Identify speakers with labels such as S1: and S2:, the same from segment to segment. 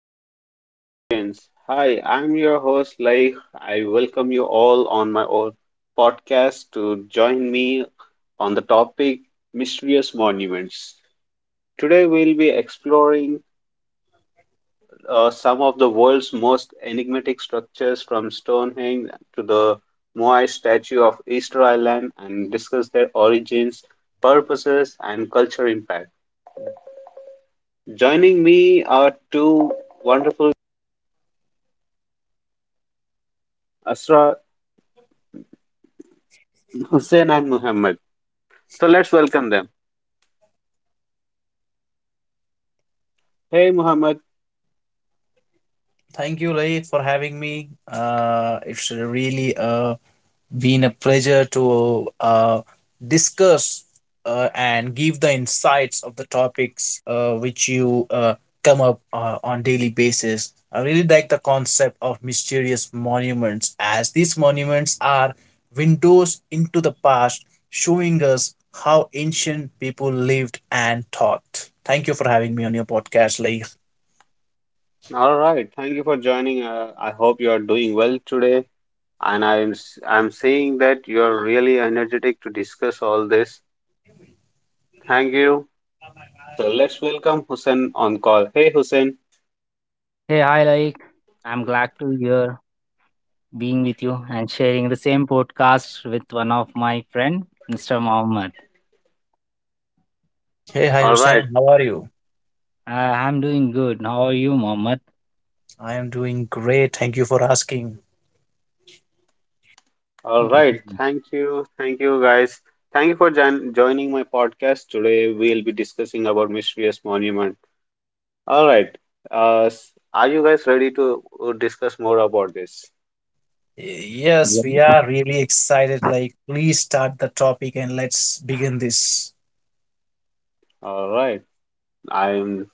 S1: Hello, audience. Hi, I'm your host, Laik. I welcome you all on my own podcast to join me on the topic Mysterious Monuments. Today, we'll be exploring some of the world's most enigmatic structures from Stonehenge to the Moai statue of Easter Island and discuss their origins, purposes, and cultural impact. Joining me are two wonderful Asra Hussein and Muhammad. So let's welcome them. Hey Muhammad,
S2: Thank you, Laik, for having me. It's really been a pleasure to discuss and give the insights of the topics which you come up on daily basis. I really like the concept of mysterious monuments, as these monuments are windows into the past, showing us how ancient people lived and thought. Thank you for having me on your podcast, Laik.
S1: all right. Thank you for joining. I hope you are doing well today, and I'm seeing that you are really energetic to discuss all this. Thank you. So let's welcome Hussein on call. Hey Hussein.
S3: Hey, hi, like, I'm glad to hear being with you and sharing the same podcast with one of my friend, Mr. Mohammed.
S2: Hey, hi,
S1: All
S2: Hussein.
S1: right.
S2: How are you?
S3: I'm doing good. How are you, Mohammed?
S2: I am doing great. Thank you for asking.
S1: All
S3: Good to
S1: right.
S3: be-
S1: Thank you. Thank you guys. Thank you for joining my podcast today. We'll be discussing about mysterious monument. All right. Uh, s- are you guys ready to discuss more about this?
S2: Yes,
S3: Yeah.
S2: we are really excited. Like, please start the topic and let's begin this.
S1: All right. I'm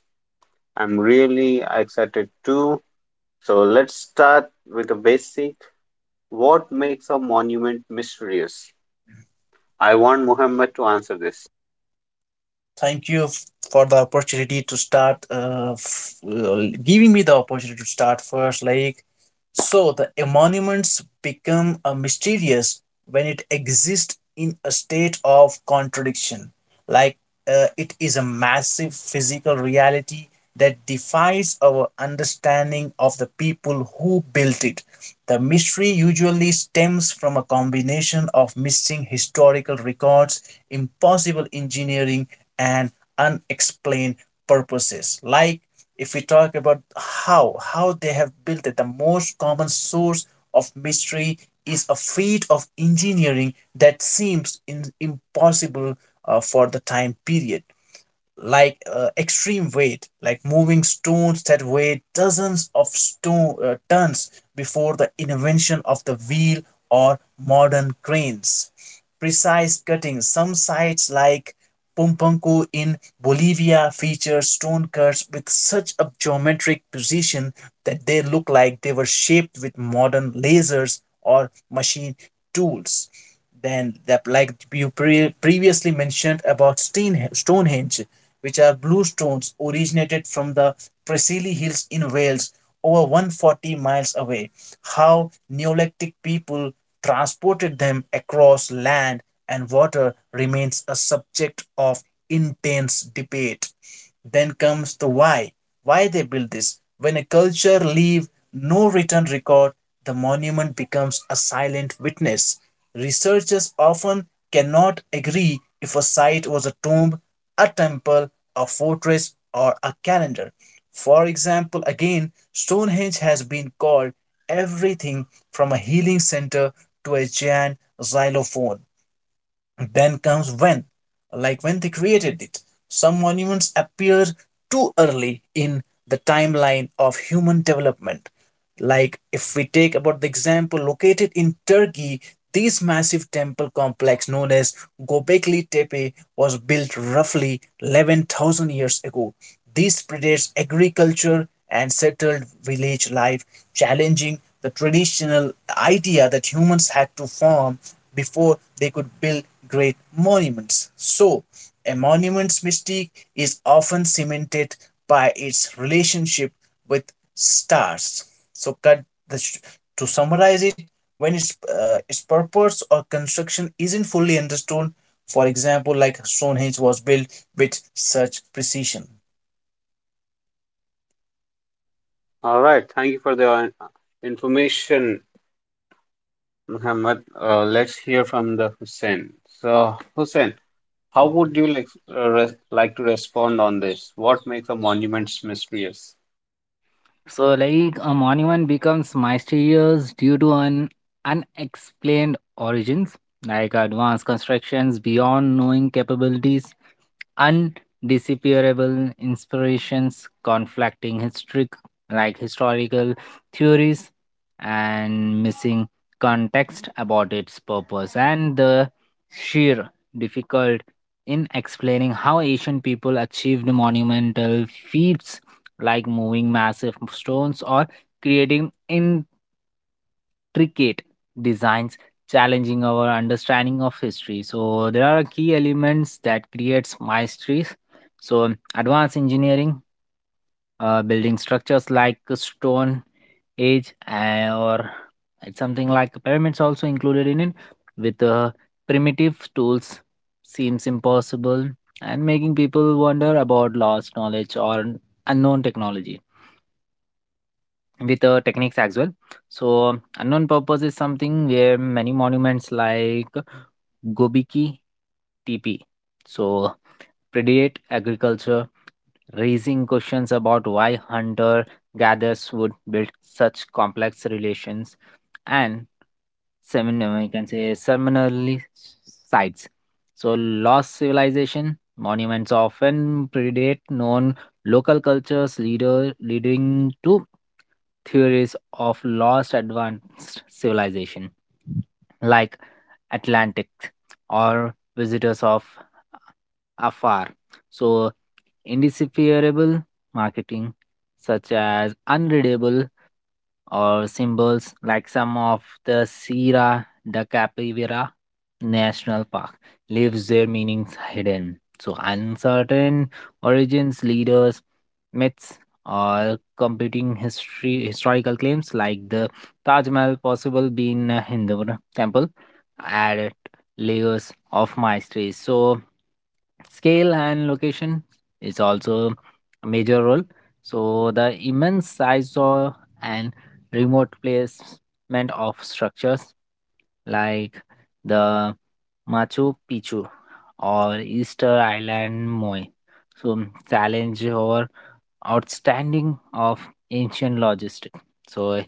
S1: I'm really excited too. So let's start with the basic. What makes a monument mysterious? I want Muhammad to answer this.
S2: Thank you f- for the opportunity to start, giving me the opportunity to start first. Like, so the emoluments become mysterious when it exists in a state of contradiction. Like, it is a massive physical reality that defies our understanding of the people who built it. The mystery usually stems from a combination of missing historical records, impossible engineering, and unexplained purposes. Like, if we talk about how they have built it, the most common source of mystery is a feat of engineering that seems impossible for the time period, like extreme weight, like moving stones that weighed dozens of stone tons before the invention of the wheel or modern cranes, precise cuttings. Some sites like Pompanco in Bolivia feature stone cuts with such a geometric precision that they look like they were shaped with modern lasers or machine tools. Then, that like you previously mentioned about Stonehenge, which are blue stones originated from the Preseli Hills in Wales, over 140 miles away. How Neolithic people transported them across land and water remains a subject of intense debate. Then comes the why. Why they build this. When a culture leaves no written record, the monument becomes a silent witness. Researchers often cannot agree if a site was a tomb, a temple, a fortress, or a calendar. For example, again, Stonehenge has been called everything from a healing center to a giant xylophone. Then comes when, like when they created it, some monuments appear too early in the timeline of human development. Like if we take about the example located in Turkey, this massive temple complex known as Gobekli Tepe was built roughly 11,000 years ago. This predates agriculture and settled village life, challenging the traditional idea that humans had to farm before they could build great monuments. So, a monument's mystique is often cemented by its relationship with stars. So, to summarize it, when its purpose or construction isn't fully understood, for example, like Stonehenge was built with such precision.
S1: All right. Thank you for the information, Muhammad. Let's hear from the Hussein. So, Hussein, how would you like, like to respond on this? What makes a monument mysterious?
S3: So, like, a monument becomes mysterious due to an unexplained origins, like advanced constructions beyond knowing capabilities, undisappearable inspirations, conflicting historical theories, and missing context about its purpose, and the sheer difficult in explaining how asian people achieved monumental feats like moving massive stones or creating in intricate designs, challenging our understanding of history. So there are key elements that creates mysteries. So advanced engineering, building structures like a stone age, or it's something like pyramids also included in it with primitive tools, seems impossible and making people wonder about lost knowledge or unknown technology with techniques as well. So, unknown purpose is something where many monuments like Gobiki TP, so predate agriculture, raising questions about why hunter gatherers would build such complex relations and seminar, we can say, seminally sites. So lost civilization monuments often predate known local cultures, leader leading to theories of lost advanced civilization like atlantic or visitors of afar. So indecipherable marketing, such as unreadable or symbols like some of the Sierra de Capivira National Park, leaves their meanings hidden. So uncertain origins, leaders, myths, or competing history historical claims like the Taj Mahal possible being a Hindu temple added layers of mystery. So scale and location is also a major role. So the immense size of and remote placement of structures like the Machu Picchu or Easter Island Moai, so challenge or outstanding of ancient logistics. So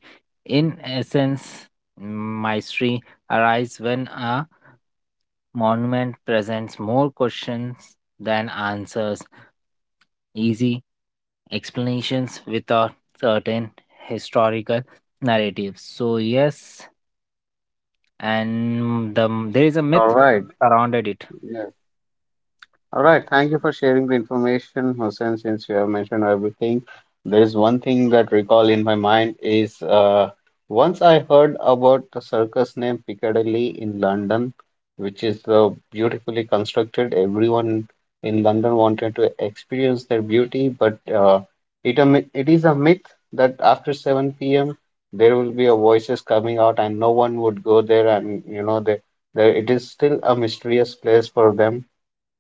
S3: in essence, mystery arises when a monument presents more questions than answers, easy explanations with a certain historical narrative. So yes, and there is a
S1: All
S3: myth
S1: right.
S3: surrounded it.
S1: All right, thank you for sharing the information, Hussein. Since you have mentioned everything, there is one thing that recall in my mind is once I heard about the circus named Piccadilly in London, which is beautifully constructed. Everyone in London wanted to experience their beauty, but it is a myth that after 7 p.m. there will be a voices coming out, and no one would go there, and they, it is still a mysterious place for them.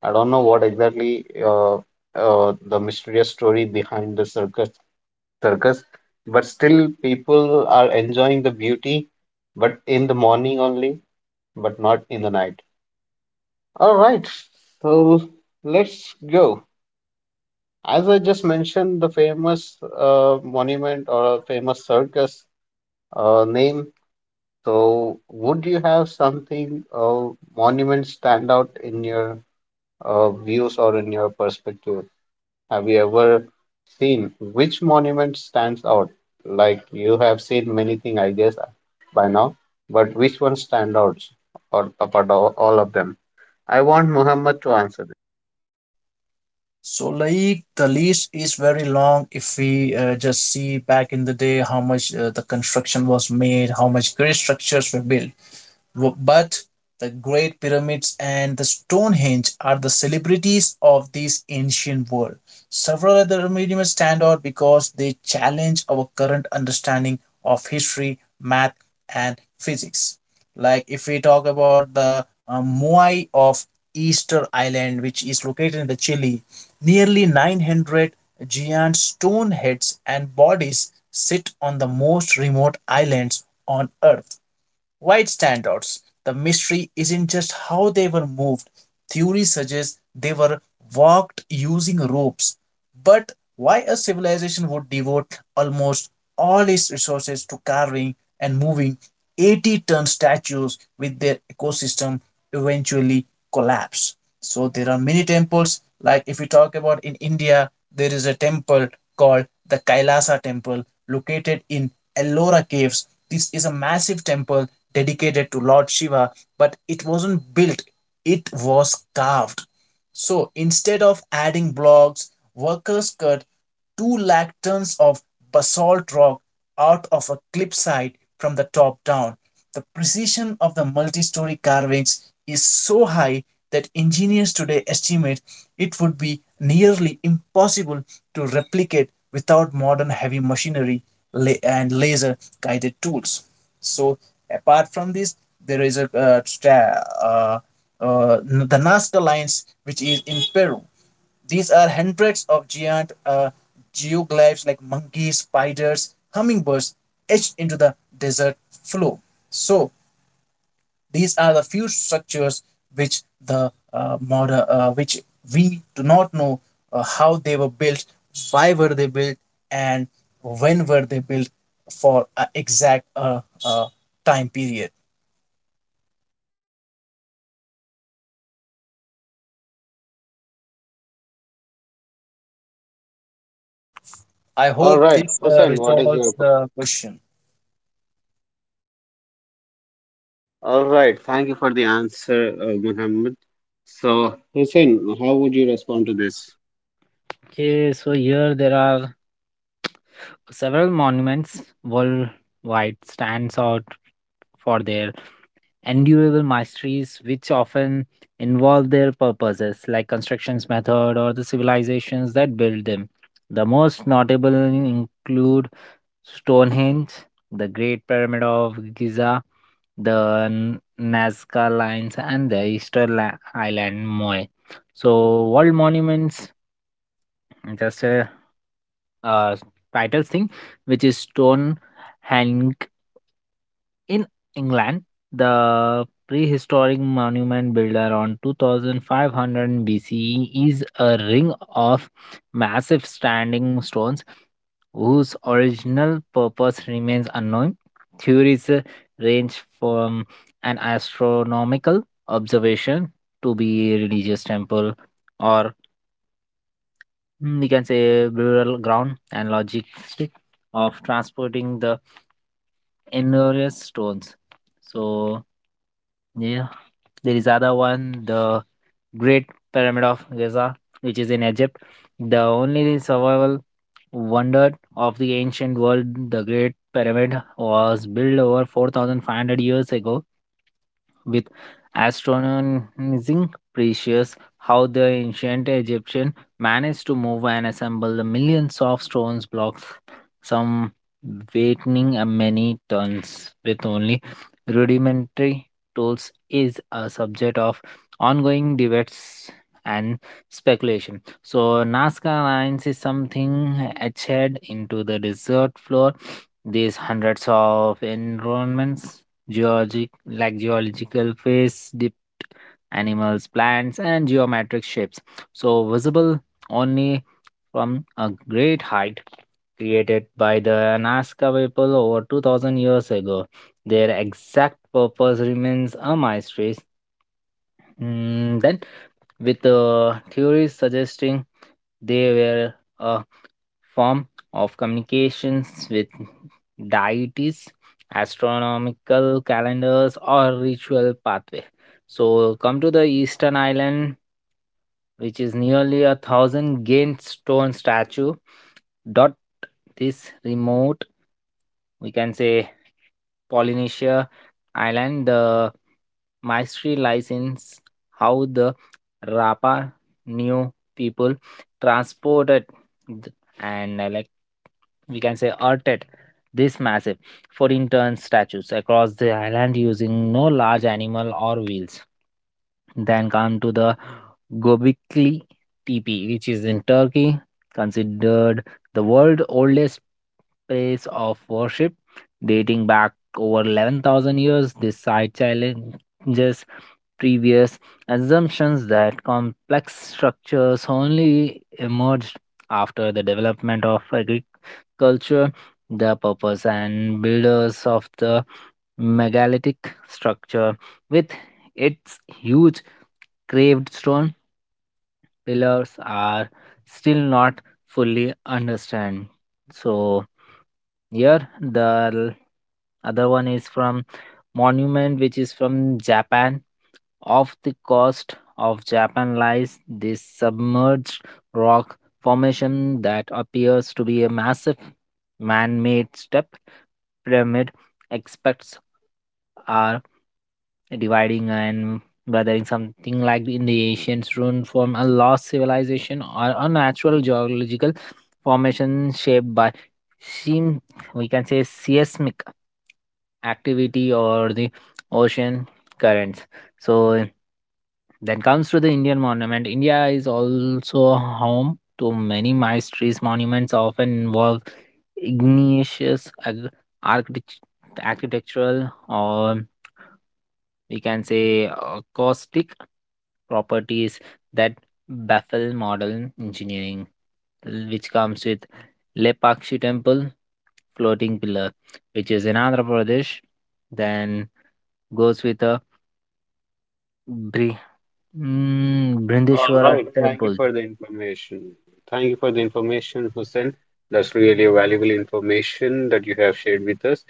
S1: I don't know what exactly the mysterious story behind the circus, but still people are enjoying the beauty, but in the morning only, but not in the night. All right, so let's go. As I just mentioned, the famous monument or a famous circus name. So, would you have something monument stand out in your views or in your perspective? Have you ever seen which monument stands out? Like you have seen many things, I guess, by now, but which one stand out or apart of all of them? I want Muhammad to answer this.
S2: So, like the list is very long. If we just see back in the day how much the construction was made, how much great structures were built. But the Great Pyramids and the Stonehenge are the celebrities of this ancient world. Several other museums stand out because they challenge our current understanding of history, math, and physics. Like if we talk about the Moai of Easter Island, which is located in the Chile, nearly 900 giant stone heads and bodies sit on the most remote islands on Earth White standouts. The mystery isn't just how they were moved. Theory suggests they were walked using ropes. But why a civilization would devote almost all its resources to carving and moving 80-ton statues with their ecosystem eventually collapse? So there are many temples. Like if we talk about in India, there is a temple called the Kailasa temple located in Ellora caves. This is a massive temple dedicated to Lord Shiva, but it wasn't built, it was carved. So instead of adding blocks, workers cut 2 lakh tons of basalt rock out of a cliffside from the top down. The precision of the multi story carvings is so high that engineers today estimate it would be nearly impossible to replicate without modern heavy machinery and laser guided tools. So, apart from this, there is a uh, the Nazca Lines, which is in Peru. These are hundreds of giant geoglyphs like monkeys, spiders, hummingbirds etched into the desert floor. So these are the few structures which the which we do not know how they were built, why were they built, and when were they built for an exact time period. I
S1: All
S2: hope
S1: right,
S2: this
S1: Hussein, what is your?
S2: resolves the question.
S1: All right, thank you for the answer, Muhammad. So, Hussein, how would you respond to this?
S3: Okay, so here there are several monuments worldwide stands out for their endurable masteries, which often involve their purposes like constructions method or the civilizations that built them. The most notable include Stonehenge, the Great Pyramid of Giza, the Nazca Lines, and the Easter Island Moai. So world monuments, just a uh, title thing, which is Stonehenge in England, the prehistoric monument builder on 2500 BCE is a ring of massive standing stones whose original purpose remains unknown. Theories range from an astronomical observation to be a religious temple, or, mm, we can say rural ground, and logistic of transporting the enormous stones. So yeah, there is other one, the Great Pyramid of Giza, which is in Egypt, the only survival wonder of the ancient world. The Great Pyramid was built over 4,500 years ago with astonishing precious. How the ancient Egyptian managed to move and assemble the millions of stones blocks, some weighing a many tons with only rudimentary tools, is a subject of ongoing debates and speculation. So Nazca Lines is something etched into the desert floor. These hundreds of environments, geological phase, dipped animals, plants, and geometric shapes, so visible only from a great height, created by the Nazca people over 2000 years ago. Their exact purpose remains a mystery. Mm, then, with theories suggesting they were a form of communications with deities, astronomical calendars, or ritual pathway. So, come to the Eastern Island, which is nearly a thousand gained stone statue. Dot this remote, we can say, Polynesia Island. The mystery lies in how the Rapa New people transported th- and, like, we can say arted this massive 14-ton statues across the island using no large animal or wheels. Then come to the Gobekli Tepe, which is in Turkey, considered the world's oldest place of worship, dating back over 11,000 years. This site challenges previous assumptions that complex structures only emerged after the development of agriculture. The purpose and builders of the megalithic structure, with its huge carved stone pillars, are still not fully understand. So here, the other one is from Monument, which is from Japan. Off the coast of Japan lies this submerged rock formation that appears to be a massive man made step pyramid. Experts are dividing and weathering something like in the ancient rune from a lost civilization or a natural geological formation shaped by seem, we can say, seismic activity or the ocean currents. So then comes to the Indian monument. India is also home to many mysterious monuments often involve igneous architect- architectural, or we can say acoustic properties that baffle modern engineering, which comes with Lepakshi temple floating pillar, which is in Andhra Pradesh, then goes with a Bri-
S1: All
S3: Brindishwara
S1: right. Thank you
S3: temple.
S1: for the information. Thank you for the information, Hussein. That's really valuable information that you have shared with us.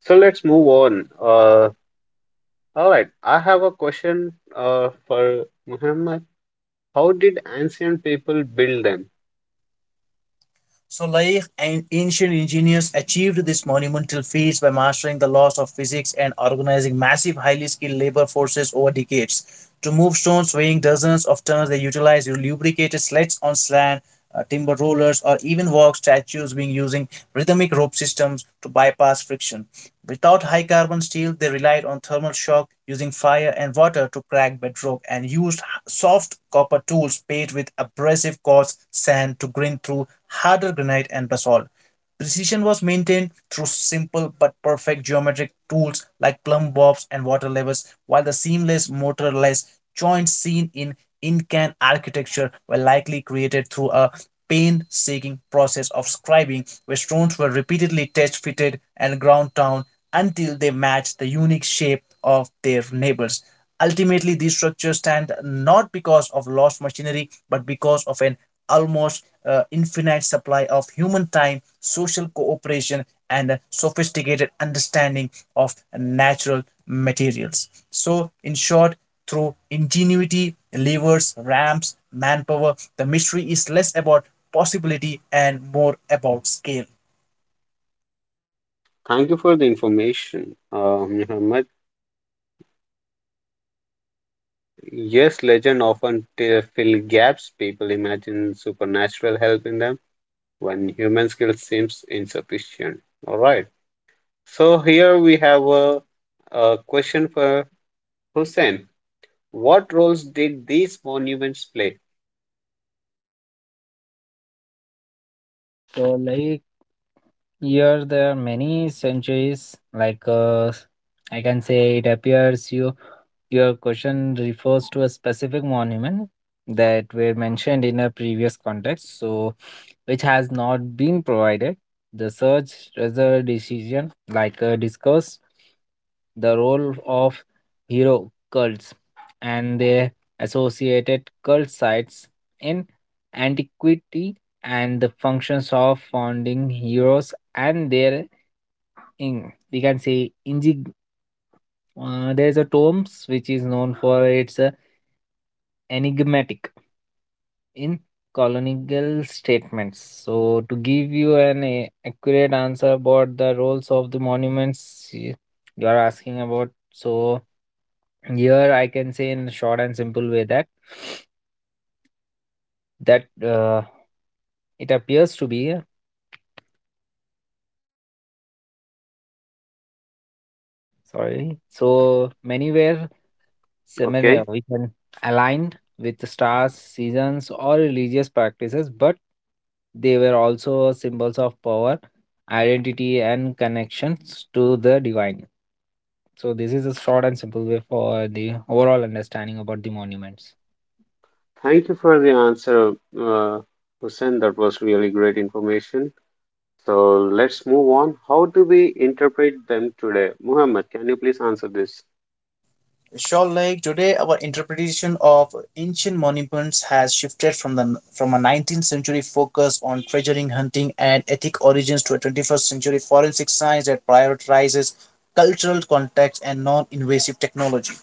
S1: So let's move on. All right. I have a question for Muhammad. How did ancient people build them?
S2: Solaire and ancient engineers achieved these monumental feats by mastering the laws of physics and organizing massive, highly skilled labor forces over decades. To move stones weighing dozens of tons, they utilized lubricated sleds on sand, timber rollers, or even walk statues being using rhythmic rope systems to bypass friction. Without high carbon steel, they relied on thermal shock using fire and water to crack bedrock and used soft copper tools paid with abrasive quartz sand to grind through harder granite and basalt. Precision was maintained through simple but perfect geometric tools like plumb bobs and water levers, while the seamless, motorless joints seen in Incan architecture were likely created through a painstaking process of scribing, where stones were repeatedly test fitted and ground down until they matched the unique shape of their neighbors. Ultimately, these structures stand not because of lost machinery, but because of an almost infinite supply of human time, social cooperation, and a sophisticated understanding of natural materials. So, in short, through ingenuity, levers, ramps, manpower, the mystery is less about possibility and more about scale.
S1: Thank you for the information, Muhammad. Yes, legend often fill gaps. People imagine supernatural help in them when human skill seems insufficient. All right. So here we have a question for Hussein. What roles did these monuments play?
S3: So, like, here there are many centuries. Like, I can say, it appears you your question refers to a specific monument that were mentioned in a previous context, so which has not been provided. The search result decision, like, discussed the role of hero cults and their associated cult sites in antiquity, and the functions of founding heroes and there in, we can say, in, there is a tomes which is known for its enigmatic in colonial statements. So to give you an accurate answer about the roles of the monuments you are asking about, so here I can say in short and simple way that that uh, it appears to be mm, sorry, so many were similar,
S1: Okay,
S3: we can align with the stars, seasons, or religious practices, but they were also symbols of power, identity, and connections to the divine. So this is a short and simple way for the overall understanding about the monuments.
S1: thank you for the answer, uh, Hussein. That was really great information. So let's move on. How do we interpret them today? Muhammad, can you please answer this?
S2: Shawl Lake. Today, our interpretation of ancient monuments has shifted from the from a 19th century focus on treasuring hunting and ethnic origins to a 21st century forensic science that prioritizes cultural context and non-invasive technology.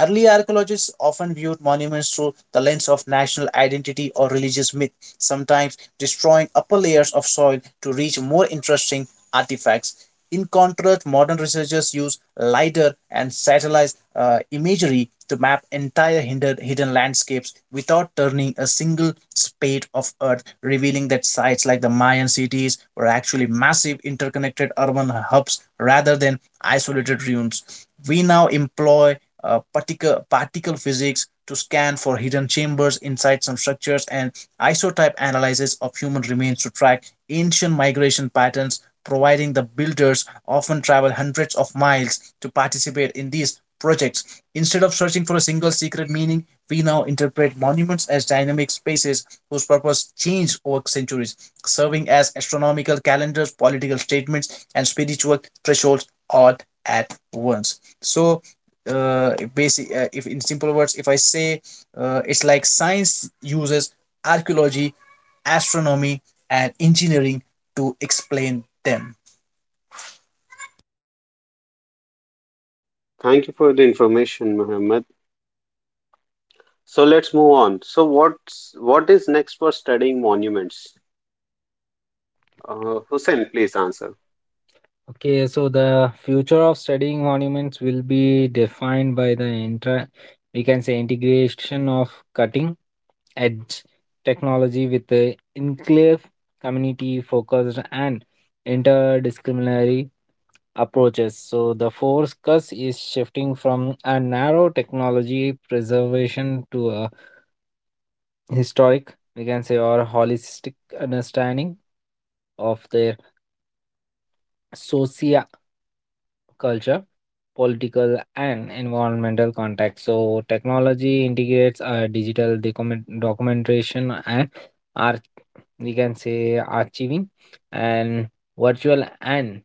S2: Early archaeologists often viewed monuments through the lens of national identity or religious myth, sometimes destroying upper layers of soil to reach more interesting artifacts. In contrast, modern researchers use LIDAR and satellite imagery to map entire hidden landscapes without turning a single spade of earth, revealing that sites like the Mayan cities were actually massive interconnected urban hubs rather than isolated ruins. We now employ particle physics to scan for hidden chambers inside some structures, and isotype analysis of human remains to track ancient migration patterns, providing the builders often travel hundreds of miles to participate in these projects. Instead of searching for a single secret meaning, we now interpret monuments as dynamic spaces whose purpose changed over centuries, serving as astronomical calendars, political statements, and spiritual thresholds all at once. So, if in simple words if I say, it's like science uses archaeology, astronomy, and engineering to explain them.
S1: Thank you for the information, Muhammad. So let's move on. So what is next for studying monuments? Hussein, please answer.
S3: Okay, so the future of studying monuments will be defined by the inter, we can say, integration of cutting edge technology with the inclusive, community focused, and interdisciplinary approaches. So the focus is shifting from a narrow technology preservation to a historic, we can say, or holistic understanding of their socio culture, political, and environmental context. So, technology integrates digital documentation and art, we can say, archiving, and virtual and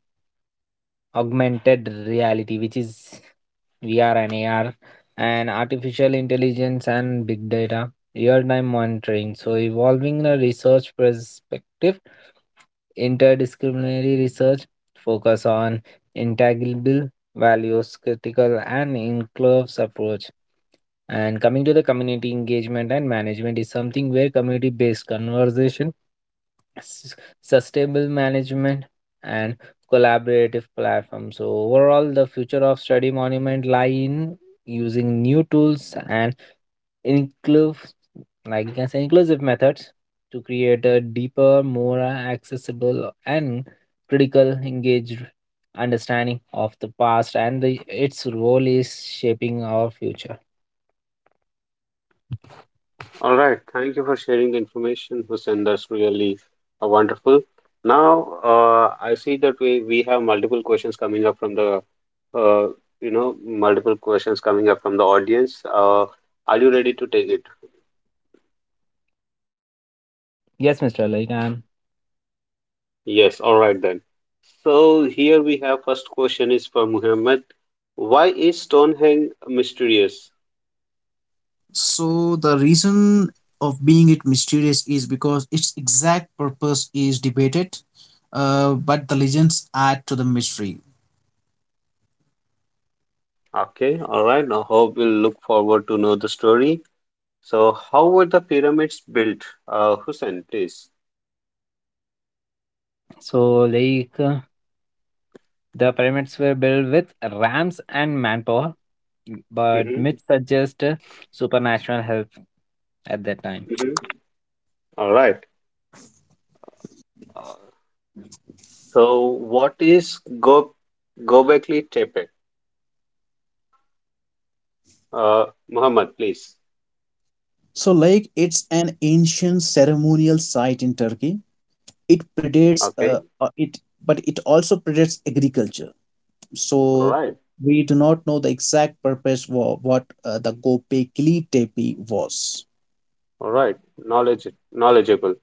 S3: augmented reality, which is VR and AR, and artificial intelligence and big data, real time monitoring. So, evolving the research perspective, interdisciplinary research focus on intangible values, critical and inclusive approach. And coming to the community engagement and management is something where community-based conversation, s- sustainable management, and collaborative platform. So overall, the future of study monument lie in using new tools and inclusive, like you can say, inclusive methods to create a deeper, more accessible, and critical engaged understanding of the past and the, its role is shaping our future.
S1: All right, thank you for sharing the information, Hussein. That's really wonderful. Now, I see that we have multiple questions coming up from the uh, multiple questions coming up from the audience. Are you ready to take it?
S3: Yes, Mr. Like,
S1: Yes. All right then. So here we have first question is for Muhammad. Why is Stonehenge mysterious?
S2: So the reason of being it mysterious is because its exact purpose is debated, but the legends add to the mystery.
S1: Okay. All right. I hope we'll look forward to know the story. So how were the pyramids built? Hussein, please.
S3: so like, the pyramids were built with rams and manpower, but
S1: Hmm.
S3: myths suggest supernatural help at that time.
S1: Mhm. All right. Uh, so, what is go Gobekli Tepe? Muhammad, please.
S2: So like it's an ancient ceremonial site in Turkey. It predates
S1: Okay.
S2: it but it also predates agriculture. So
S1: All right.
S2: we do not know the exact purpose for what the Gobekli Tepe was.
S1: All right. Knowledge, knowledgeable.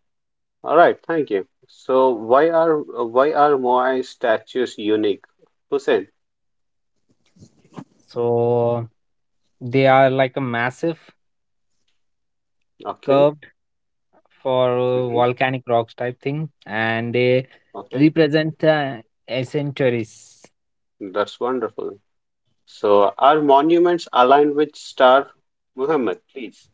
S1: All right. Thank you. So, why are why are Moai statues unique? Hussein.
S3: So they are like a massive
S1: Okay.
S3: curved for
S1: Hmm.
S3: volcanic rocks type thing, and they
S1: Okay.
S3: represent centuries.
S1: That's wonderful. So, are monuments aligned with star? Muhammad, please.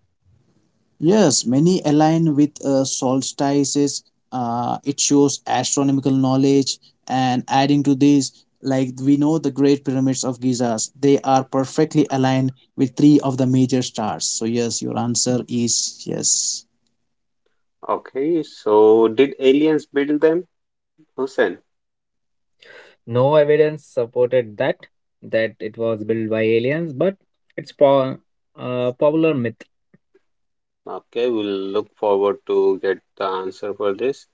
S2: Yes, many align with solstices. It shows astronomical knowledge, and adding to this, like we know the Great Pyramids of Gizas, they are perfectly aligned with three of the major stars. So yes, your answer is yes.
S1: Okay. So, did aliens build them? Hussein.
S3: No evidence supported that that it was built by aliens, but it's popular myth.
S1: Okay, we'll look forward to get the answer for this.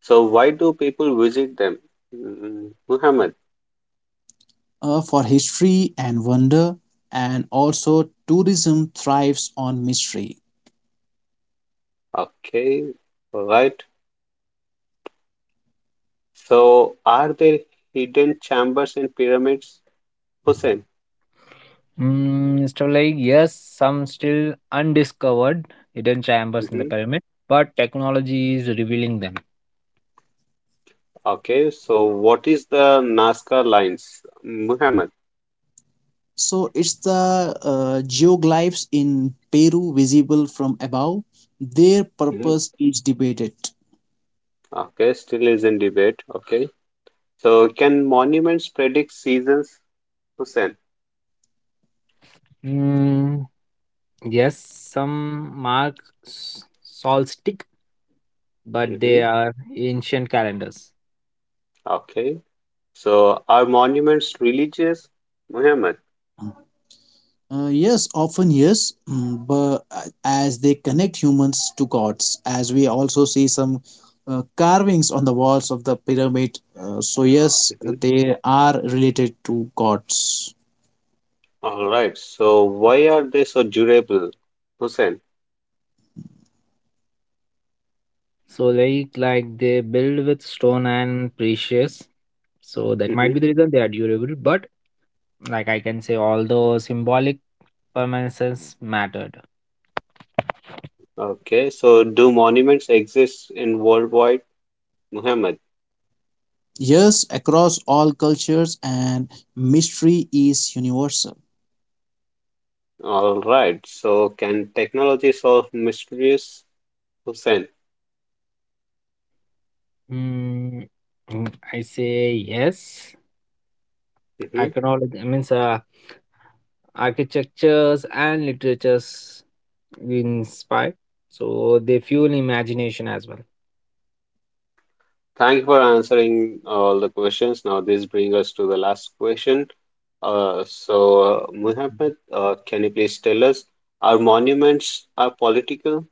S1: So why do people visit them? Mm, Muhammad.
S2: For history and wonder, and also tourism thrives on mystery.
S1: Okay, right. So are there hidden chambers in pyramids? Hussein.
S3: Mm, so like, yes, some still undiscovered hidden chambers in the
S1: Hmm.
S3: pyramid, but technology is revealing them.
S1: Okay, so what is the Nazca lines? Muhammad.
S2: So it's the geoglyphs in Peru visible from above. Their
S1: Hmm.
S2: purpose is debated.
S1: Okay, still is in debate. Okay. So can monuments predict seasons? Hussein.
S3: Mm, yes, some mark solstice, but they
S1: Hmm.
S3: are ancient calendars.
S1: Okay. So are monuments religious? Muhammad.
S2: Yes, often yes, mm, but as they connect humans to gods, as we also see some carvings on the walls of the pyramid. So, yes,
S1: Mhm.
S2: they are related to gods.
S1: All right. So why are they so durable, Hussein?
S3: So like, they build with stone and precious. So that might be
S1: Hmm.
S3: the reason they are durable. But, like I can say, although symbolic permanence mattered.
S1: Okay. So do monuments exist in worldwide, Muhammad?
S2: Yes, across all cultures, and mystery is universal.
S1: All right. So can technology solve mysteries, Hussein?
S3: Mm, I say yes.
S1: Hmm.
S3: Iconology means architectures and literatures inspire. So they fuel imagination as well.
S1: Thank you for answering all the questions. Now this brings us to the last question. Uh, so Muhammad, can you please tell us, are monuments are political?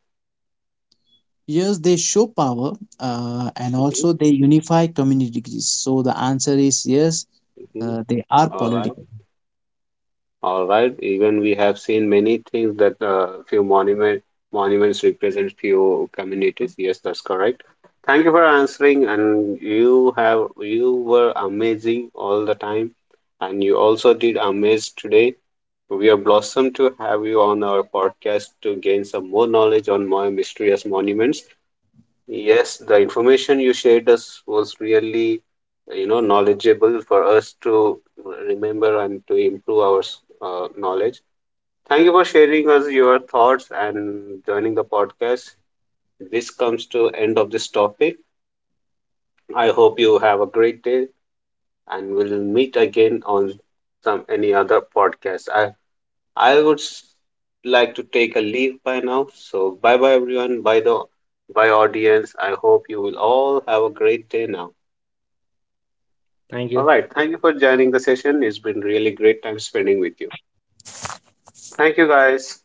S2: Yes, they show power and also
S1: Mm-hmm.
S2: they unify communities. So the answer is yes, they are
S1: Mm-hmm.
S2: political.
S1: All right. Even we have seen many things that few monuments represent few communities. Yes, that's correct. Thank you for answering, and you were amazing all the time, and you also did amaze today. We are blossomed to have you on our podcast to gain some more knowledge on more mysterious monuments. Yes, the information you shared us was really, you know, knowledgeable for us to remember and to improve our knowledge. Thank you for sharing us your thoughts and joining the podcast. This comes to end of this topic. I hope you have a great day and we'll meet again on some any other podcast. I would s- like to take a leave by now. So bye bye everyone. Bye audience. I hope you will all have a great day now.
S3: Thank
S1: All
S3: you.
S1: right. Thank you for joining the session. It's been really great time spending with you. Thank you guys.